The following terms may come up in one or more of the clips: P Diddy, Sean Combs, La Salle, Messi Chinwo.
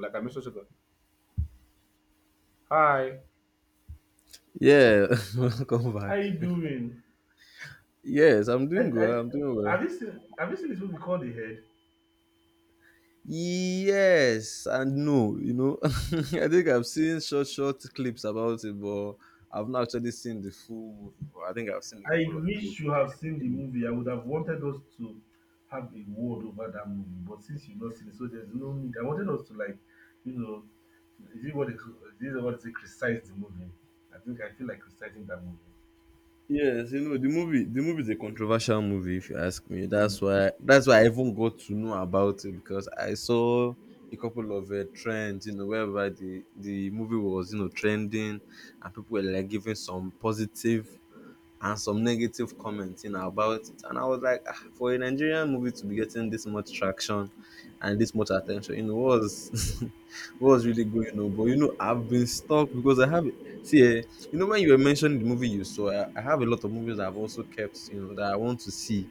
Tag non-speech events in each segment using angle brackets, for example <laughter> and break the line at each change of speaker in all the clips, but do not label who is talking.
Like I messaged her, hi.
Yeah, <laughs> welcome
How
back.
you doing?
Yes, I'm
I,
doing
I
well. I'm doing well.
have you seen this movie called The Head?
Yes and no, you know. <laughs> I think I've seen short clips about it, but I've not actually seen the full movie. But I think I've seen a
I
couple of clips.
wish you have seen the
In it.
movie. I would have wanted us to have a word over that movie, but since you've not seen it, so there's no need. I wanted us to like, you know, is it what they criticize the movie? I think I feel like criticizing that
Yes, you know the movie. The movie is a controversial movie, if you ask me. That's
movie.
why. That's why I even got to know about it because I saw a couple of trends. You know, wherever the movie was, you know, trending, and people were like giving some positive and some negative comments, you know, about it. And I was like, ah, for a Nigerian movie to be getting this much traction and this much attention, you know, what was <laughs> what was really going on. But you know, I've been stuck because I have, see, you know, when you were mentioning the movie you saw, I have a lot of movies I've also kept, you know, that I want to see,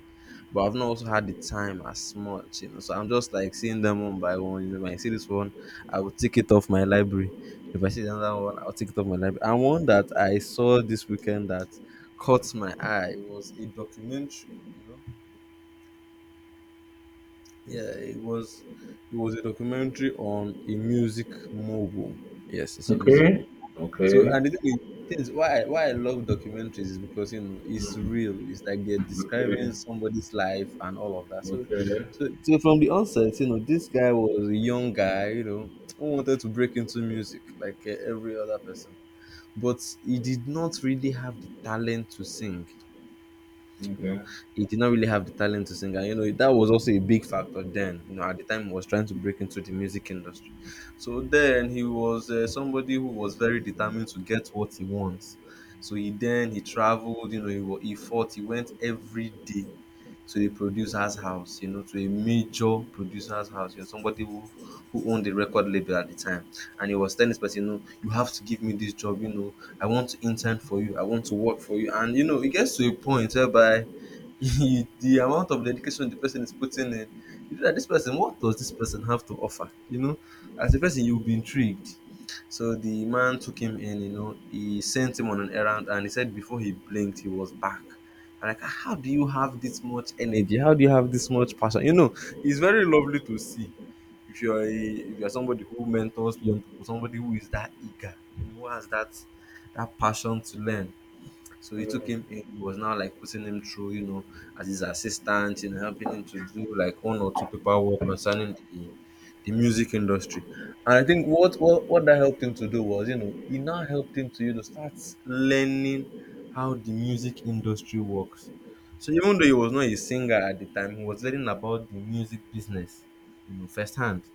but I've not also had the time as much. You know, so I'm just like seeing them one by one, you know. When I see this one, I will take it off my library. If I see another one, I'll take it off my library. And one that I saw this weekend that caught my eye was a documentary. You know, yeah, it was a documentary on a music mogul. Yes, it's a music
Okay.
mogul. So,
Okay.
and the thing is, things why why I love documentaries is because, you know, it's real. It's like they're
Okay.
describing somebody's life and all of that. So
Okay.
so from the onset, you know, this guy was a young guy. You know, who wanted to break into music like every other person. But he did not really have the talent to sing. You know,
Okay.
he did not really have the talent to sing, and you know that was also a big factor then. You know, at the time he was trying to break into the music industry. So then he was somebody who was very determined to get what he wants. So he then he traveled. You know, he, he fought, he went every day to the producer's house, you know, to a major producer's house, you know, somebody who owned the record label at the time. And he was telling this person, you know, you have to give me this job, you know, I want to intern for you, I want to work for you. And you know, it gets to a point whereby <laughs> the amount of dedication the person is putting in, you know, that this person, what does this person have to offer? You know, as a person, you'll be intrigued. So the man took him in, you know, he sent him on an errand and he said before he blinked, he was back. I'm like, "Ah, how do you have this much energy? How do you have this much passion? You know, it's very lovely to see if if you're somebody who mentors young people, somebody who is that eager, you know, who has that passion to learn. So he took him in, was now like putting him through, you know, as his assistant, you know, helping him to do like one or two paperwork concerning the music industry. And I think what that helped him to do was, you know, it now helped him to, you know, start learning how the music industry works. So even though he was not a singer at the time, he was learning about the music business, you know, firsthand.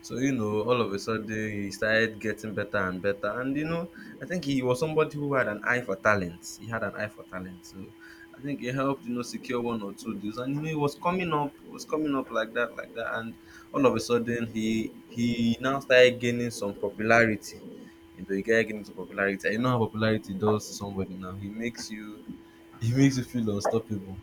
So, you know, all of a sudden he started getting better and better. And, you know, I think he was somebody who had an eye for talent. He had an eye for talent. So I think it helped, you know, secure one or two deals. And, you know, he was coming up like that, like that. And all of a sudden he now started gaining some popularity. You know, he started gaining some popularity. And you know how popularity does to somebody now. He makes you, <laughs> he makes you feel unstoppable.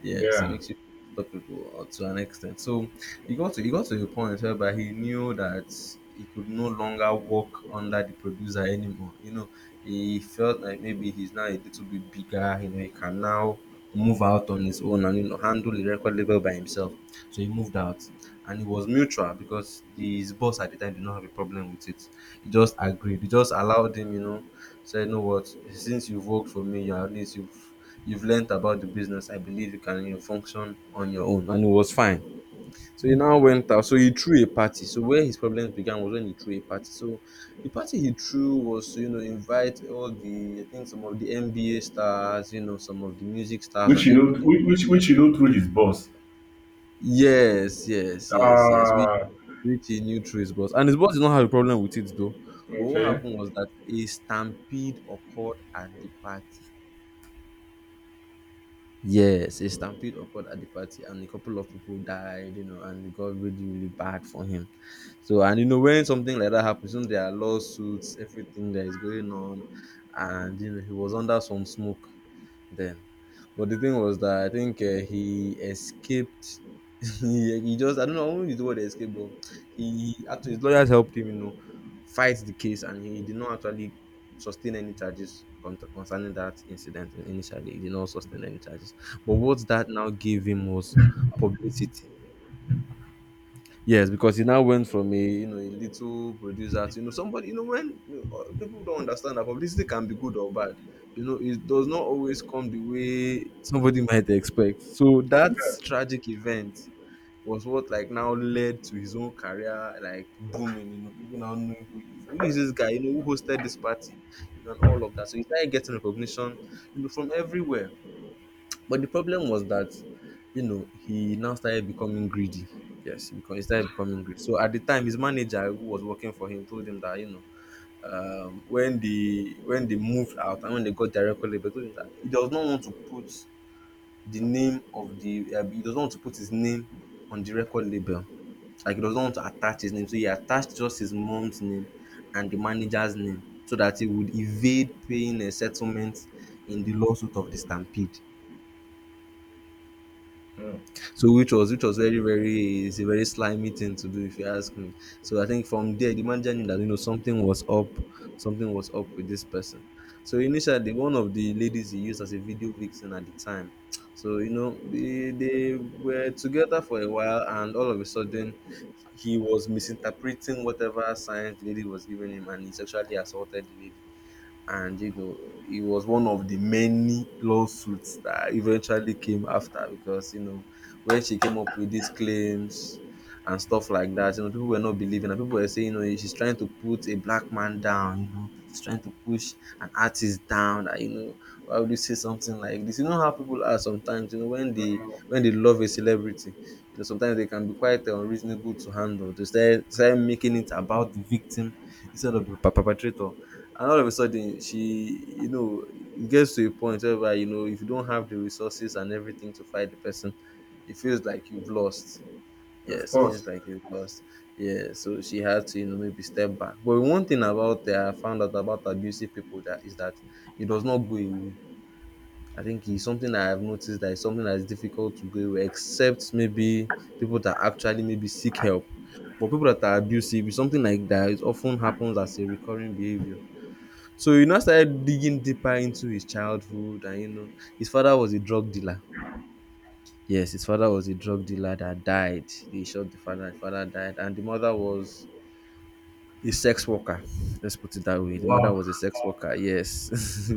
Yes, it
Yeah.
makes you unstoppable to an extent. So he got to a point whereby he knew that he could no longer work under the producer anymore. You know, he felt like maybe he's now a little bit bigger. You know, he can now move out on his own, and you know, handle the record label by himself. So he moved out, and it was mutual because the, his boss at the time did not have a problem with it. He just agreed. He just allowed him. You know, said, "You know what? Since you've worked for me, you at least you've learnt about the business. I believe you can, you know, function on your own." And it was fine. So he now went out. So he threw a party. So where his problems began was when he threw a party. So the party he threw was to, you know, invite all the, I think some of the NBA stars, you know, some of the music stars
Which
and
you know,
everything.
which you know through his boss.
Yes, yes, yes, yes.
Ah.
Which he knew through his boss. And his boss did not have a problem with it though. But what
Okay.
happened was that a stampede occurred at the party. Yes, a stampede occurred at the party, and a couple of people died, you know, and it got really, really bad for him. So, and you know, when something like that happens, you know, there are lawsuits, everything that is going on, and you know, he was under some smoke then. But the thing was that I think he escaped. <laughs> He just, I don't know, I won't use the word escape, but he actually, his lawyers helped him, you know, fight the case, and he did not actually sustain any charges concerning that incident. Initially, he did not sustain any charges, but what that now gave him was publicity. Yes, because he now went from, a you know, a little producer to, you know, somebody, you know, when you know, people don't understand that publicity can be good or bad. You know, it does not always come the way somebody might expect. So that tragic event was what like now led to his own career like booming. You know, people now knowing who he is. Who is this guy? You know, who hosted this party? You know, and all of that. So he started getting recognition, you know, from everywhere. But the problem was that, you know, he now started becoming greedy. Yes, because he started becoming greedy. So at the time, his manager who was working for him told him that, you know, when they moved out and when they got their record label, told him that he does not want to put the name of the he doesn't want to put his name on the record label. Like he doesn't want to attach his name, so he attached just his mom's name and the manager's name so that he would evade paying a settlement in the lawsuit of the Stampede.
Mm.
So which was, which was very very, it's a very slimy thing to do if you ask me. So I think from there the manager knew that, you know, something was up with this person. So initially one of the ladies he used as a video vixen at the time. So you know, they were together for a while and all of a sudden he was misinterpreting whatever signs the lady was giving him and he sexually assaulted the lady, and you know, it was one of the many lawsuits that eventually came after because you know, when she came up with these claims and stuff like that. You know, people were not believing, and people were saying, you know, she's trying to put a black man down. You know, she's trying to push an artist down. That, you know, why would you say something like this? You know how people are sometimes. You know, when they love a celebrity, you know, sometimes they can be quite unreasonable to handle. They start making it about the victim instead of the perpetrator. And all of a sudden, she, you know, it gets to a point where you know, if you don't have the resources and everything to fight the person, it feels like you've lost.
Of
Yes, it feels
course.
like you've lost. Yeah, so she had to, you know, maybe step back. But one thing about I found out about abusive people that is that it does not go away. I think it's something that I've noticed that it's something that is difficult to go away, except maybe people that actually maybe seek help. But people that are abusive, it's something like that. It often happens as a recurring behavior. So you now started digging deeper into his childhood, and you know, his father was a drug dealer. Yes, his father was a drug dealer that died. They shot the father died, and the mother was a sex worker. Let's put it that way. The mother
Wow.
was a sex worker. Yes,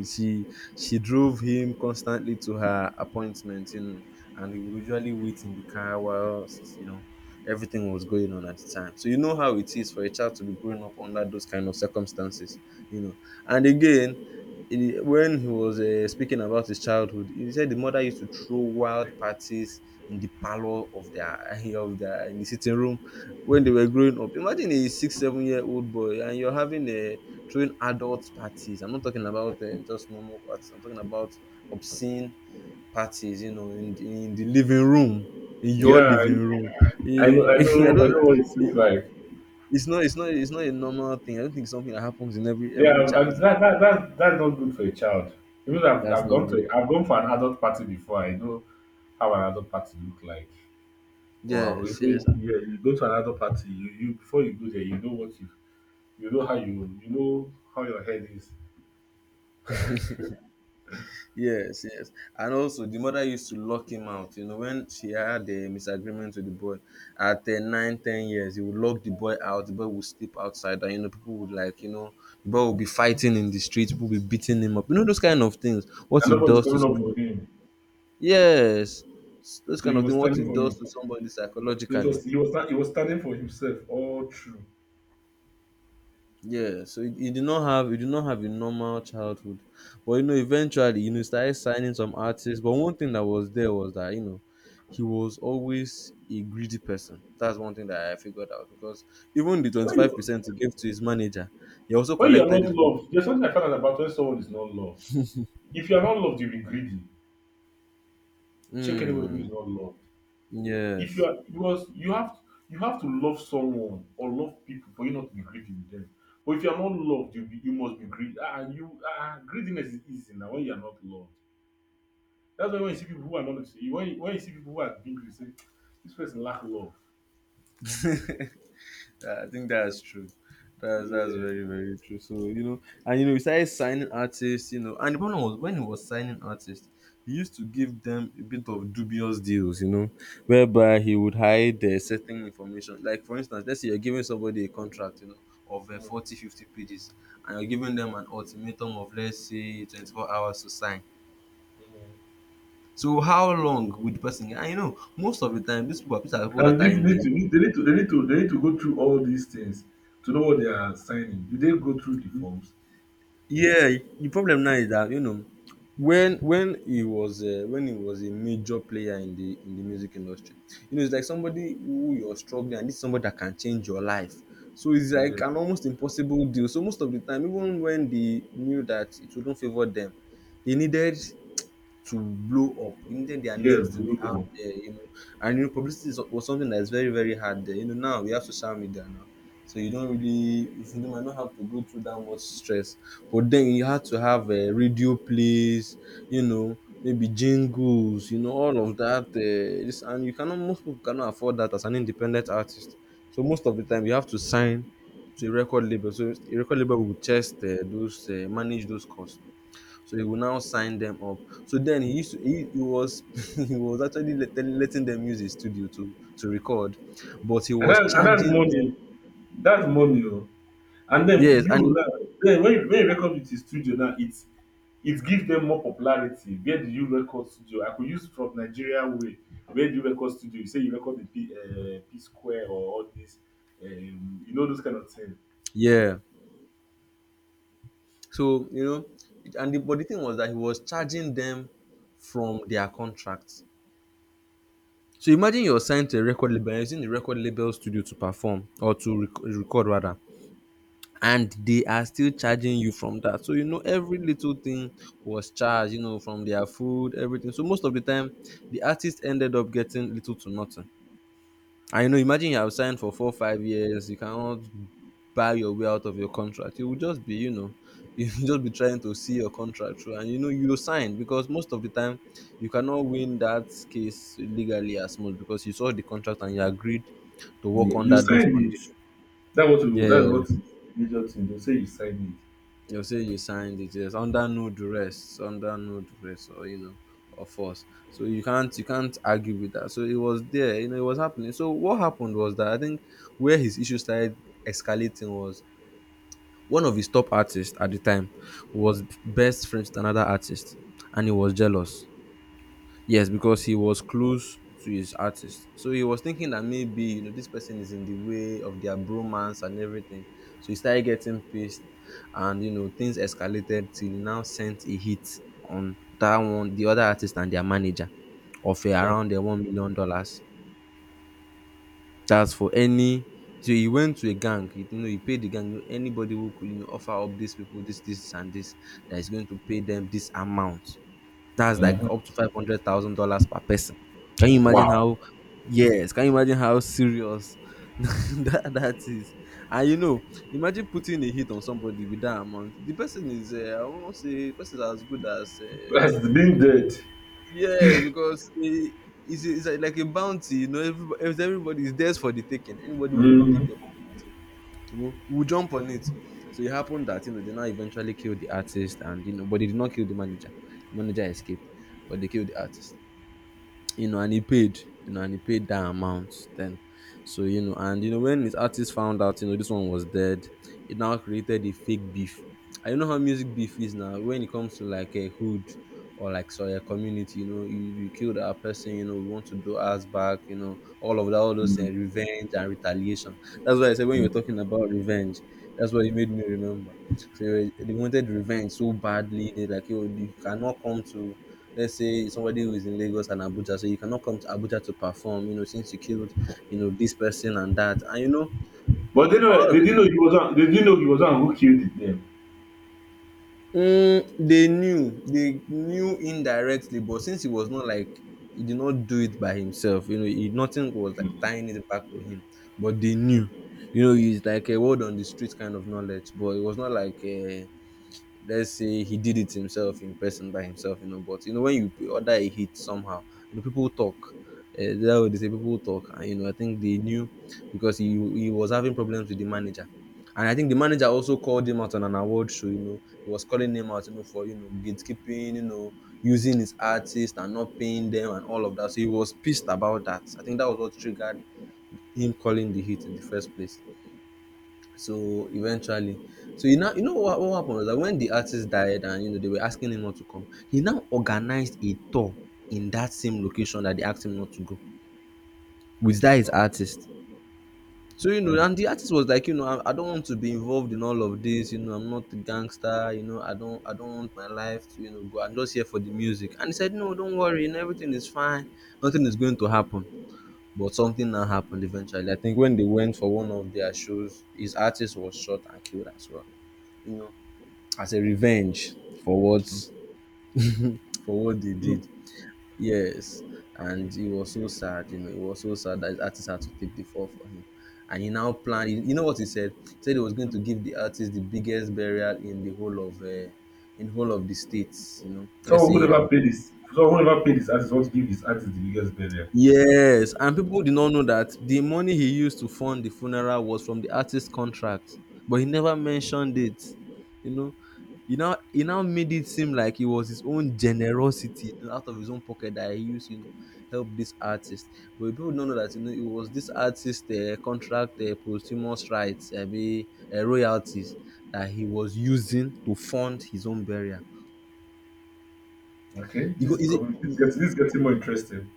<laughs> she she drove him constantly to her appointments, you know, and he would usually wait in the car whilst you know everything was going on at the time. So you know how it is for a child to be growing up under those kind of circumstances, you know. And again, when he was speaking about his childhood, he said the mother used to throw wild parties in the parlor of their <laughs> of their in the sitting room when they were growing up. Imagine a 6, 7 year old boy and you're having a throwing adult parties. I'm not talking about just normal parties. I'm talking about obscene parties. You know, in the living room, in your
Yeah,
living room.
I know, I
Eh, <laughs> I
know, I
don't.
know what it seems like.
It's not. It's not. It's not a normal thing. I don't think it's something that happens in every
Yeah,
child's
and
life.
that's not good for a child. Even
That's
I've
not
gone
good.
to, I've gone for an adult party before. I know how an adult party look like. Wow,
Yes.
if
Yes.
you, yeah, you go to an adult party, you before you go there, you know what you know how you know how your head is,
Yes, yes. And also, the mother used to lock him out. You know, when she had a misagreement with the boy at 9, 10 years, he would lock the boy out. The boy would sleep outside, and you know, people would like, you know, the boy would be fighting in the street. People would be beating him up. You know, those kind of things. What
and
it
nobody's
does to
coming up for
somebody.
him.
Yes, those
So
kind
he
of
was
things. What
standing
it
for him.
does to somebody
So it
psychologically.
was, he was, not- he was standing for himself all through.
Yeah, so you did not have a normal childhood, but you know eventually you know started signing some artists. But one thing that was there was that you know he was always a greedy person. That's one thing that I figured out because even the twenty
When
five
you,
percent he gave to his manager, he also
when you are
collected
not
it back.
loved, there's something I found out about when someone is not loved. If you are not loved, you'll be greedy. Check anybody who
Mm,
is not loved. If you
yes.
are because you have to love someone or love people for you not to be greedy with them. But if you are not loved, you must be greedy. Ah, greediness is easy now when you are not loved. That's why when you see people who are not when you, when you see people who are being greedy, you say this person lack love.
<laughs> Yeah, I think that's true. That's
Yeah.
very very true. So you know, and you know, we started signing artists. You know, and the problem was when he was signing artists, he used to give them a bit of dubious deals. You know, whereby he would hide certain information. Like for instance, let's say you're giving somebody a contract. You know, of
Mm.
40, 50 pages, and you're giving them an ultimatum of let's say 24 hours to sign. So how long would the person? And you know, most of the time, these are people that
And
are
they
in
need
the.
to they need to they need to they need to go through all these things to know what they are signing. Do they go through the forms?
Yeah, the problem now is that you know when he was a major player in the music industry, you know it's like somebody who you're struggling and this is somebody that can change your life. So it's
Yeah.
like an almost impossible deal. So most of the time, even when they knew that it wouldn't favor them, they needed to blow up. They needed their
Yes,
names to be out
bro.
there, you know. And you know, was something that is very, very hard there. You know, now we have social media now. So you don't really, you might not have to go through that much stress. But then you had to have a radio plays, you know, maybe jingles, you know, all of that. This and you cannot, most people cannot afford that as an independent artist. So most of the time you have to sign to a record label. So a record label will just those manage those costs. So he will now sign them up. So then he was <laughs> he was actually letting them use his studio to record, but he
And
was
that and that's
charging them.
money. That's money oh. And then
Yes,
you
and
now, then when you record with the studio now, it gives them more popularity. Where do you record studio? I could use from Nigeria way. Where do you record studio? You say you record the P Square or all this, you know those kind of thing.
yeah. So you know, but the thing was that he was charging them from their contracts. So imagine you're signed to a record label, and using the record label studio to perform or to record rather. And they are still charging you from that. So you know every little thing was charged, you know, from their food, everything. So most of the time the artist ended up getting little to nothing. And you know, imagine you have signed for 4, 5 years, you cannot buy your way out of your contract. You will just be, you know, <laughs> you will just be trying to see your contract through and you know you sign because most of the time you cannot win that case legally as much because you saw the contract and you agreed to work
Yeah. You
under those
sign it.
conditions.
That's what is
Yes.
major thing. They say you sign
You say you signed it, yes, under no duress, or you know, or force. So you can't argue with that. So it was there, you know, it was happening. So what happened was that I think where his issue started escalating was one of his top artists at the time was best friends with another artist, and he was jealous. Yes, because he was close to his artist. So he was thinking that maybe, you know, this person is in the way of their bromance and everything. So he started getting pissed and, you know, things escalated till he now sent a hit on that one, the other artist and their manager of
it.
around the
Mm.
$1 million. That's for any. So he went to a gang, you know, he paid the gang anybody who could, you know, offer up these people this, this, and this that is going to pay them this amount. That's like up to $500,000 per person. Can you imagine
Wow.
how? Yes, can you imagine how serious <laughs> that is? And you know, imagine putting a hit on somebody with that amount. The person is, I won't say, the person is as good as.
It. Has been dead.
Yes, because it's like a bounty, you know. Everybody is there for the taking. Anybody who could take
Mm.
the opportunity, you know, will jump on it. So it happened that you know they now eventually killed the artist, and you know, but they did not kill the manager. The manager escaped, but they killed the artist you know, and he paid, you know, and he paid that amount then. So, you know, and you know, when his artist found out, you know, this one was dead, it now created a fake beef. I know how music beef is now when it comes to like a hood or like so a community, you know, you killed our person, you know, we want to do us back, you know, all of that, all those
Mm.
revenge and retaliation. That's why I said when you were talking
Mm.
about revenge, that's what it made me remember. So they wanted revenge so badly. They like, yo, you cannot come to, let's say somebody who is in Lagos and Abuja, so you cannot come to Abuja to perform. You know, since you killed, you know, this person and that, and you know,
But they know
all of
they
it.
didn't know he was on. They didn't know he was on who killed it. Them.
Mm, they knew indirectly, but since he was not like he did not do it by himself, you know, he, nothing was like tying it back to him, but they knew. You know, he's like a word on the street kind of knowledge, but it was not like a let's say he did it himself in person by himself, you know. But you know, when you order a hit somehow, you know, people talk. That way they say people talk, and you know, I think they knew because he was having problems with the manager, and I think the manager also called him out on an award show. You know, he was calling him out, you know, for you know gatekeeping, you know, using his artists and not paying them and all of that. So he was pissed about that. I think that was what triggered him calling the hit in the first place. So eventually, so you know what happened was that when the artist died and you know they were asking him not to come, he now organized a tour in that same location that they asked him not to go with that his artist. So you know, and the
Mm.
artist was like, you know, I don't want to be involved in all of this. You know, I'm not a gangster. You know, I don't want my life to, go. I'm just here for the music. And he said, no, don't worry. You know, everything is fine. Nothing is going to happen. But something now happened eventually. I think when they went for one of their shows, his artist was shot and killed as well, you know, as a revenge for what <laughs> for what they did.
Mm.
Yes. And he was so sad, you know, he was so sad that his artist had to take the fall for him. And he now planned, you know what he said? He said he was going to give the artist the biggest burial in the whole of in whole of the states, you know. Let's
Someone
say
who
in
never
Abuja.
paid his someone who never paid his artist wants to give his artist the biggest burial.
Yes, and people did not know that the money he used to fund the funeral was from the artist's contract, but he never mentioned it. You know, he now made it seem like it was his own generosity, out of his own pocket that he used, help this artist. But people don't know that you know it was this artist contract posthumous rights, royalties that he was using to fund his own burial.
Okay,
You
this
go,
is
is it?
becoming this is getting more interesting.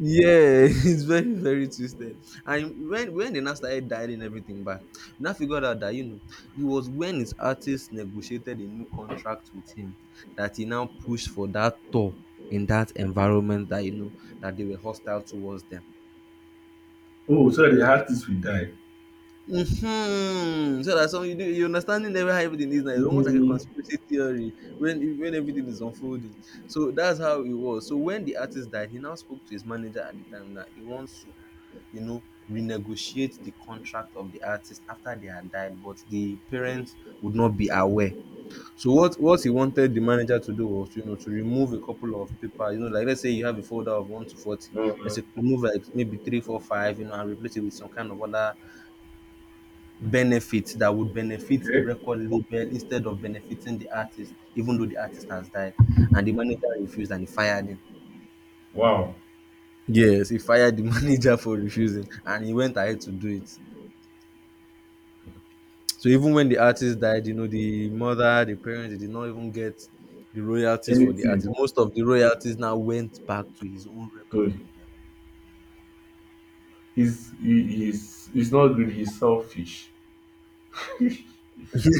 Yeah, <laughs> it's very, very twisted. And when they now started dialing everything back, we now figured out that you know it was when his artist negotiated a new contract with him that he now pushed for that tour in that environment that you know that they were hostile towards them.
Oh, so the artist will die.
Hmm. So that's some you do you understanding every how everything is now, it's almost like a
Mm,
conspiracy theory when everything is unfolding. So that's how it was. So when the artist died, he now spoke to his manager at the time that he wants to, you know renegotiate the contract of the artist after they had died, but the parents would not be aware. So what he wanted the manager to do was, you know, to remove a couple of paper, you know, like let's say you have a folder of 1 to 40, let's say remove like maybe 3, 4, 5. You know, and replace it with some kind of other benefit that would benefit the
okay.
record label instead of benefiting the artist, even though the artist has died, and the manager refused and he fired him.
Wow.
Yes, he fired the <laughs> manager for refusing and he went ahead to do it. So even when the artist died, you know, the mother, the parents, they did not even get the royalties for the artist.
Anything.
Most of the royalties now went back to his own record
Good.
label.
He's not greedy. He's selfish. <laughs> I
<laughs>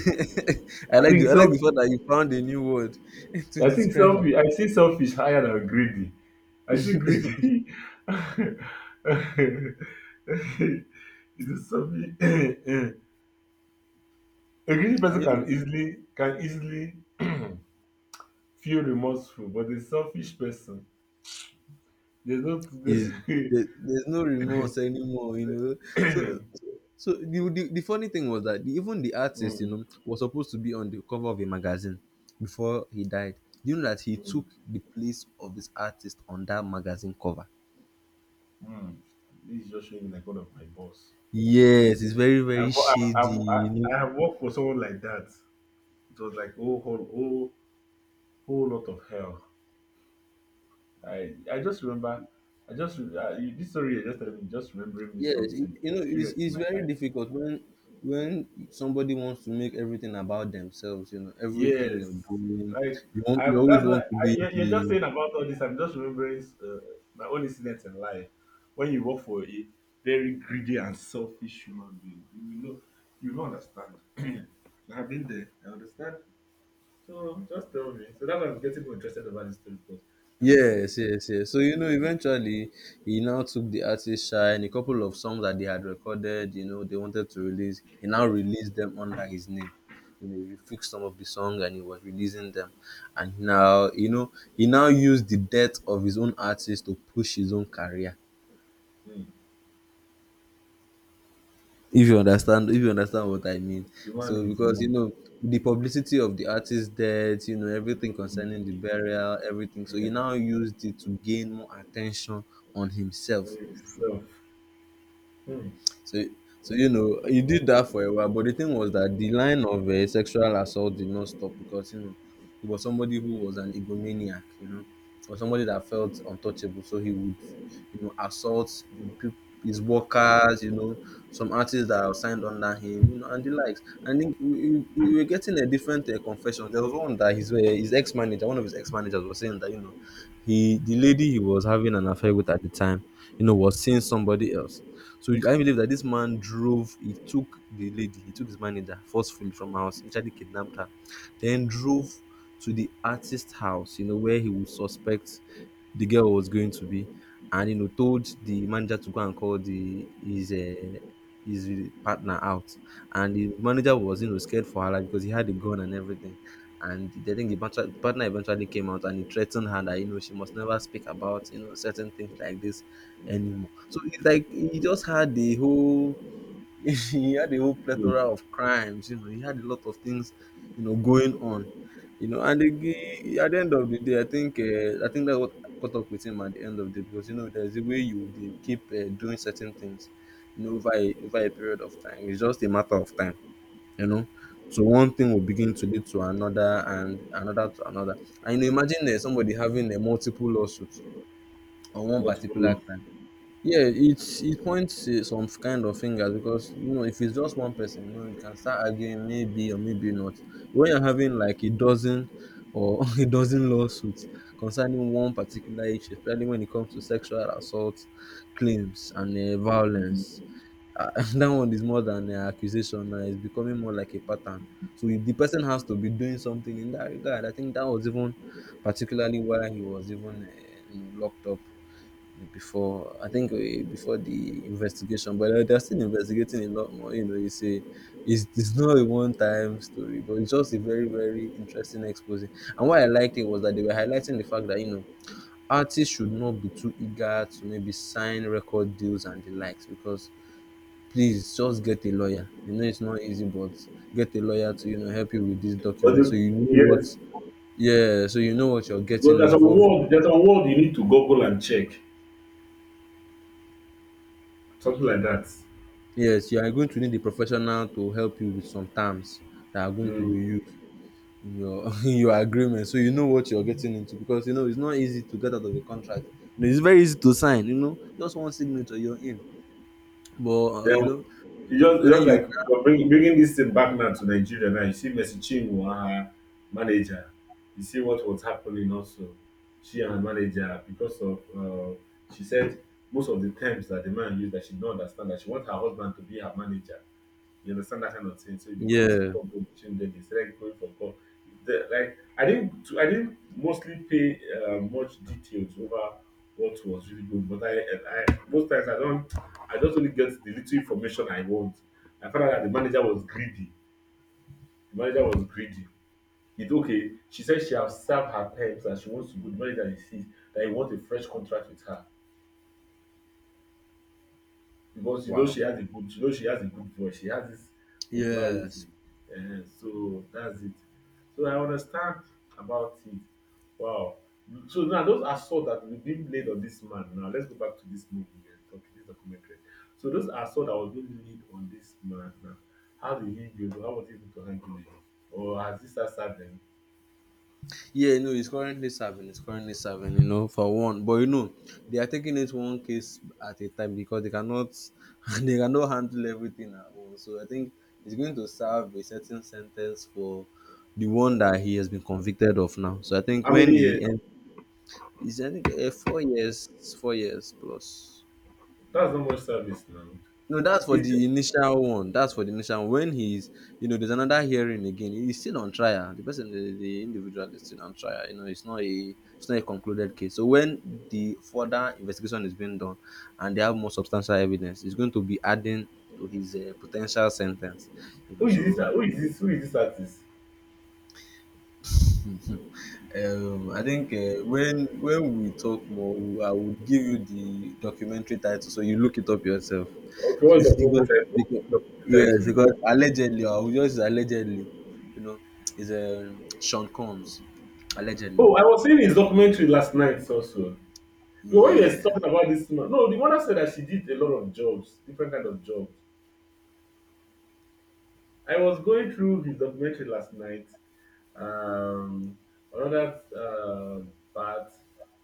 I like the,
think
I like
self.
the fact that you found a new word <laughs> to
I think
describe it.
selfish. I see selfish higher than greedy. I see greedy. <laughs> It is selfish. <coughs> A greedy
And
person
you
can
know,
easily feel remorseful but a selfish person there's no <coughs> <laughs>
is
mm.
there's no remorse anymore. You know, so so so the, the funny thing was that even the artist, you
Mm.
know, was supposed to be on the cover of a magazine before he died. You know that he took the place of his artist on that magazine cover.
Mm. This is just showing me like one of my boss.
Yes, it's very, very shady, you know.
I have worked for someone like that. It was like oh whole lot of hell. I just remember I just this story you just telling me just remembering me
Yes, you
something
you know,
experience in
it's
my
very
life.
difficult when somebody wants to make everything about themselves. You know, everything you're
Yes.
doing,
Like
you want, you
I've
always
that's why
want to
I,
be
you're just
the...
saying about all this. I'm just remembering my own incidents in life. When you work for a very greedy and selfish human being, you will know you will not understand. <clears throat> I've been there. I understand. So just tell me. So that's why I'm getting more interested about this story because I must see this.
Yes, yes, yes. So, you
This
know,
document.
eventually he now took the artist shine, a couple of songs that they had recorded, you know, they wanted to release. He now released them under his name. You know, he fixed some of the songs and he was releasing them. And now, you know, he now used the death of his own artist to push his own career.
Hmm.
If you understand what I mean.
The man
So
is
because you
me.
know the publicity of the artist's death, you know, everything concerning
Hmm.
the burial, everything. So he
Yeah.
now used it to gain more attention on himself.
Sorry, Self. Hmm.
So, so you know, he did that for a while. But the thing was that the line of sexual assault did not stop because you know he was somebody who was an egomaniac, you know, or somebody that felt untouchable. So he would, you know, assault his workers, you know, some artists that are signed under him, you know, and the likes. And then we, we were getting a different confession. There was one that his ex manager, one of his ex managers was saying that, you know, he the lady he was having an affair with at the time, you know, was seeing somebody else. So I believe that this man drove, he took the lady, he took his manager forcefully from her house, literally kidnapped her, then drove to the artist's house, you know, where he would suspect the girl was going to be, and you know, told the manager to go and call the his partner out, and the manager was you know scared for her life because he had a gun and everything. And I think the partner eventually came out and he threatened her that you know she must never speak about you know certain things like this anymore. So it's like he just had the whole <laughs> he had a whole
Hmm.
plethora of crimes. You know, he had a lot of things, you know, going on. You know, and again, at the end of the day, I think that's what caught up with him at the end of the day, because you know there's a way you they keep doing certain things, you know, over a period of time. It's just a matter of time, you know. So one thing will begin to lead to another and another to another. And you know, imagine somebody having multiple lawsuits on one
Not
particular
follow.
crime. Yeah, it's it points some kind of fingers because you know if it's just one person, you know, you can start arguing maybe or maybe not. When you're having like a dozen or <laughs> a dozen lawsuits concerning one particular issue, especially when it comes to sexual assault claims and violence, <laughs> that one is more than an accusation now. It's becoming more like a pattern. So if the person has to be doing something in that regard, I think that was even particularly why he was even, you know, locked up before, I think before the investigation, but they're still investigating a lot more. You know, you say it's not a one time story, but it's just a very very interesting exposing. And what I liked it was that they were highlighting the fact that you know artists should not be too eager to maybe sign record deals and the likes because please just get a lawyer. You know, it's not easy, but get a lawyer to you know help you with this
But
document so
the,
you know
yes,
what. Yeah, so you know what you're
but
getting
there's a
involved.
world. There's a world you need to Google and check. Something like that.
Yes, you are going to need a professional to help you with some terms that are going to be
Mm.
used in your <laughs> in your agreement, so you know what you're getting into because you know it's not easy to get out of a contract. You know, it's very easy to sign. You know, just one signature, you're in. But
Then
you know
you
when
just
you...
like but bringing this thing back now to Nigeria now. You see, Messi Chinwo, her manager. You see what was happening also. She and her manager because of she said most of the terms that the man used that she don't understand that she want her husband to be her manager. You understand that kind of thing. So it becomes a
Yeah.
problem between them. They started going for call. The, like I didn't mostly pay much details over what was really good. But I most times I don't, I just only get the little information I want. I found out that the manager was greedy. The manager was greedy. It okay. She said she has served her terms and she wants to go. The manager insists that he wants a fresh contract with her because you know
Wow.
she has a good, you know she has a good voice. She has this
Yes.
popularity. Ehen, so that's it. So I understand about it. Wow. So now those assault that was being laid on this man. Now let's go back to this movie and talk this documentary. So those assault that was being laid on this man now. How was he able to handle it? Or has this served him?
Yeah, no, he's currently serving. He's currently serving, you know, for one. But you know, they are taking it one case at a time because they cannot <laughs> they cannot handle everything at once. So I think he's going to serve a certain sentence for the one that he has been convicted of now. So I think
How many
when the
years?
end is, I think 4 years, 4 years plus.
That's not much service now.
No, that's for
Is
the initial one. That's for the initial one. When he's, you know, there's another hearing again. He's still on trial. The person, the individual, is still on trial. You know, it's not a concluded case. So when the further investigation is being done, and they have more substantial evidence, it's going to be adding to his potential sentence. You know, so...
who is this artist?
I think when we talk more, we- I will give you the documentary title so you look it up yourself. <laughs>
Okay,
So
what's
it's
the movie title?
because
The
yes,
title.
because allegedly, I will just allegedly, you know, is Sean Combs, allegedly.
Oh, I was seeing his documentary last night also. Because when we were
Yeah,
talking about this woman, no, the mother said that she did a lot of jobs, different kind of jobs. I was going through his documentary last night. Um, another part,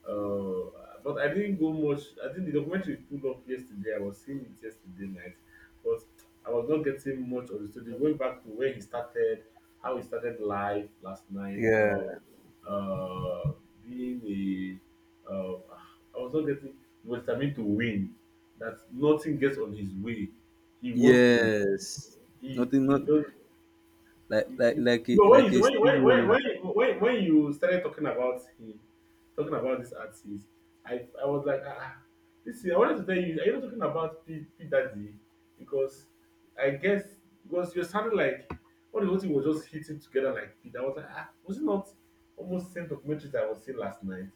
but I didn't go much. I think the documentary pulled up yesterday. I was seeing it yesterday night, but I was not getting much of the story. Going back to where he started, how he started life last night,
yeah,
uh, being a, uh, I was not getting. He was determined to win. That nothing gets on his way. He wants to.
yes. Nothing,
He
not
does
like like like a
you know,
like
when
a steam roller.
you started talking about him, talking about this artist, I was like, ah, listen, I wanted to tell you, are you not talking about P Daddy? Because I guess because you're sounding like all the whole thing was just hitting together like P. I was like, ah, was it not almost same documentary that I was seeing last night?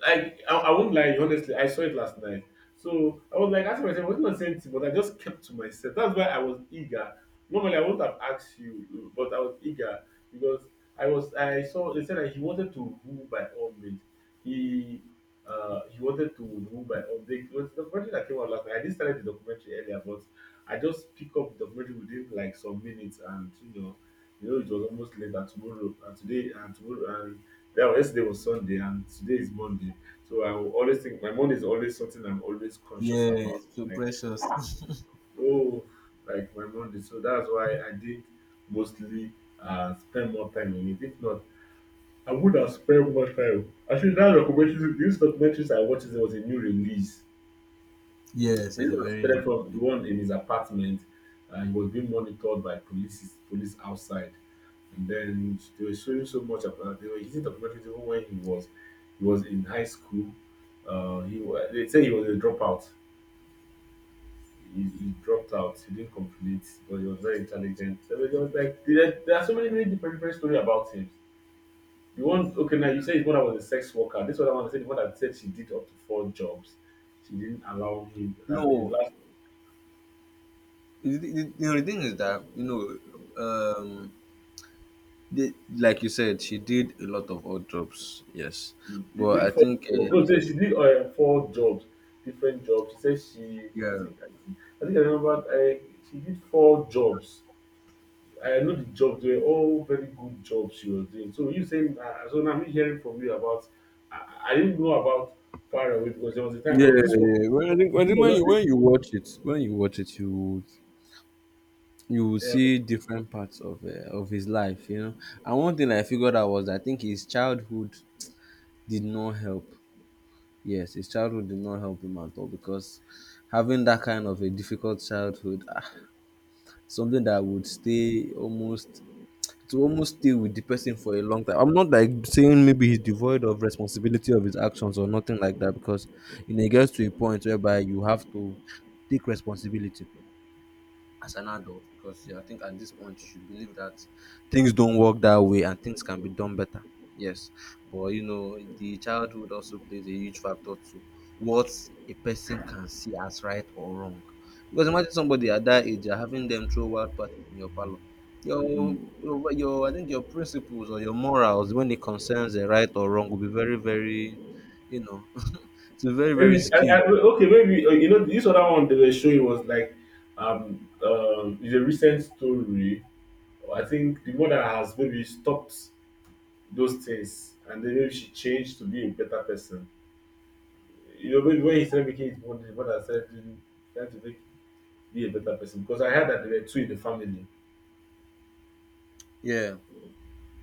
Like I won't lie, honestly, I saw it last night. So I was like asking myself, I was not saying anything, but I just kept to myself. That's why I was eager. Normally I would not have asked you, but I was eager because I saw they said that he wanted to rule by all means. He he wanted to rule by all means. It was the documentary that came out last night. I did start the documentary earlier, but I just pick up the documentary within like some minutes and you know it was almost late and tomorrow and today and tomorrow and yeah, well, yesterday was Sunday and today is Monday. So I will always think my Monday is always something I'm always conscious
Yeah,
about.
so precious.
Oh, like my Monday. So that's why I did mostly spend more time in it. If not, I would have spent more time. Actually, that documentary, these documentaries I watched, there was a new release.
<laughs> Yes, it's
This
a
was
very...
straight from the one in his apartment. He was being monitored by police outside, and then they were showing so much about. They were using documentaries even when he was in high school. They say he was a dropout. He dropped out. He didn't complete, but he was very intelligent. There was there are so many different, stories about him. The one okay now you said his mother was a sex worker. This other one I said the one that said she did up to four jobs. She didn't allow him that the
No.
last
You thing is that you know. Um, The, like you said, she did a lot of odd jobs. Yes,
She
but I
did four.
think
No, she did four jobs, different jobs. She said she,
yeah.
I think I remember. I, she did four jobs. I know the jobs were all very good jobs she was doing. So you saying, so now me hearing from you about, I didn't know about far away because there was a time.
Yeah,
Oh, this
yeah,
one,
yeah. Well, I think I
this
think when
was
you
just
when you watch it, when you watch it, you would- you will
a,
see different parts of his life, you know. And one thing I figured out was I think his childhood did not help. Yes, his childhood did not help him at all because having that kind of a difficult childhood, ah, something that would stay almost to almost stay with the person for a long time. I'm not like saying maybe he's devoid of responsibility of his actions or nothing like that because you know it gets to a point whereby you have to take responsibility as an adult because yeah, I think at this point you should believe that things don't work that way and things can be done better. Yes, but you know the childhood also plays a huge factor to what a person can see as right or wrong. Because imagine somebody at that age you're having them throw wild parties in your parlor. Your,
hmm.
your I think your principles or your morals when it concerns the right or wrong will be very very, you know, <laughs> it's very very
Maybe
skewed.
okay, maybe you know this other one they were showing was like, it's a recent story. I think the mother has maybe stopped those things and then maybe she changed to be a better person. You know, maybe when he started making his money, his mother started doing, trying to make be a better person. Because I heard that there were two in the family,
Yeah.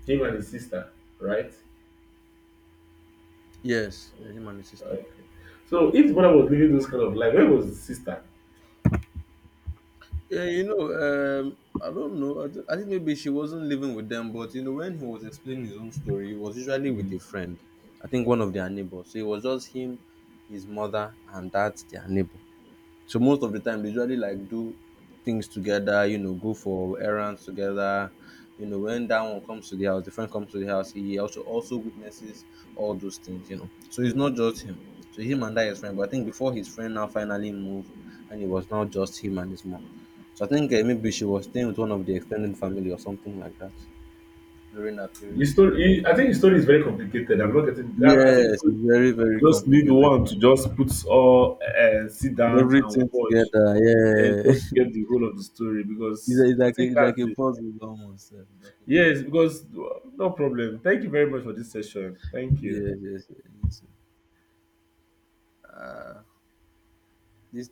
him and his sister, right?
Yes. Yeah, him and his sister.
So if his mother was living those kind of life, where was his sister?
Yeah, you know, I don't know. I think maybe she wasn't living with them, but you know, when he was explaining his own story, he was usually with
Mm.
a friend. I think one of their neighbors. So it was just him, his mother, and that their neighbor. So most of the time they usually like do things together, you know, go for errands together. You know, when that one comes to the house, the friend comes to the house, he also witnesses all those things, you know. So it's not just him. So him and that his friend, but I think before his friend now finally moved and it was now just him and his mom. So I think maybe she was staying with one of the extended family or something like that during that
His
period.
story, I think his story is very complicated. I'm not getting. I
Yes,
think
it's very, very
just need
complicated.
one to just put all sit down and
Everything
watch
together, yeah.
just to
<laughs>
get the whole of the story because
It's like
I
a,
think
it's like
that's
a
it.
puzzle almost. Sef. It's like a
Yes,
puzzle. <laughs>
because no problem. Thank you very much for this session. Thank you.
Yes, yes, yes, yes. This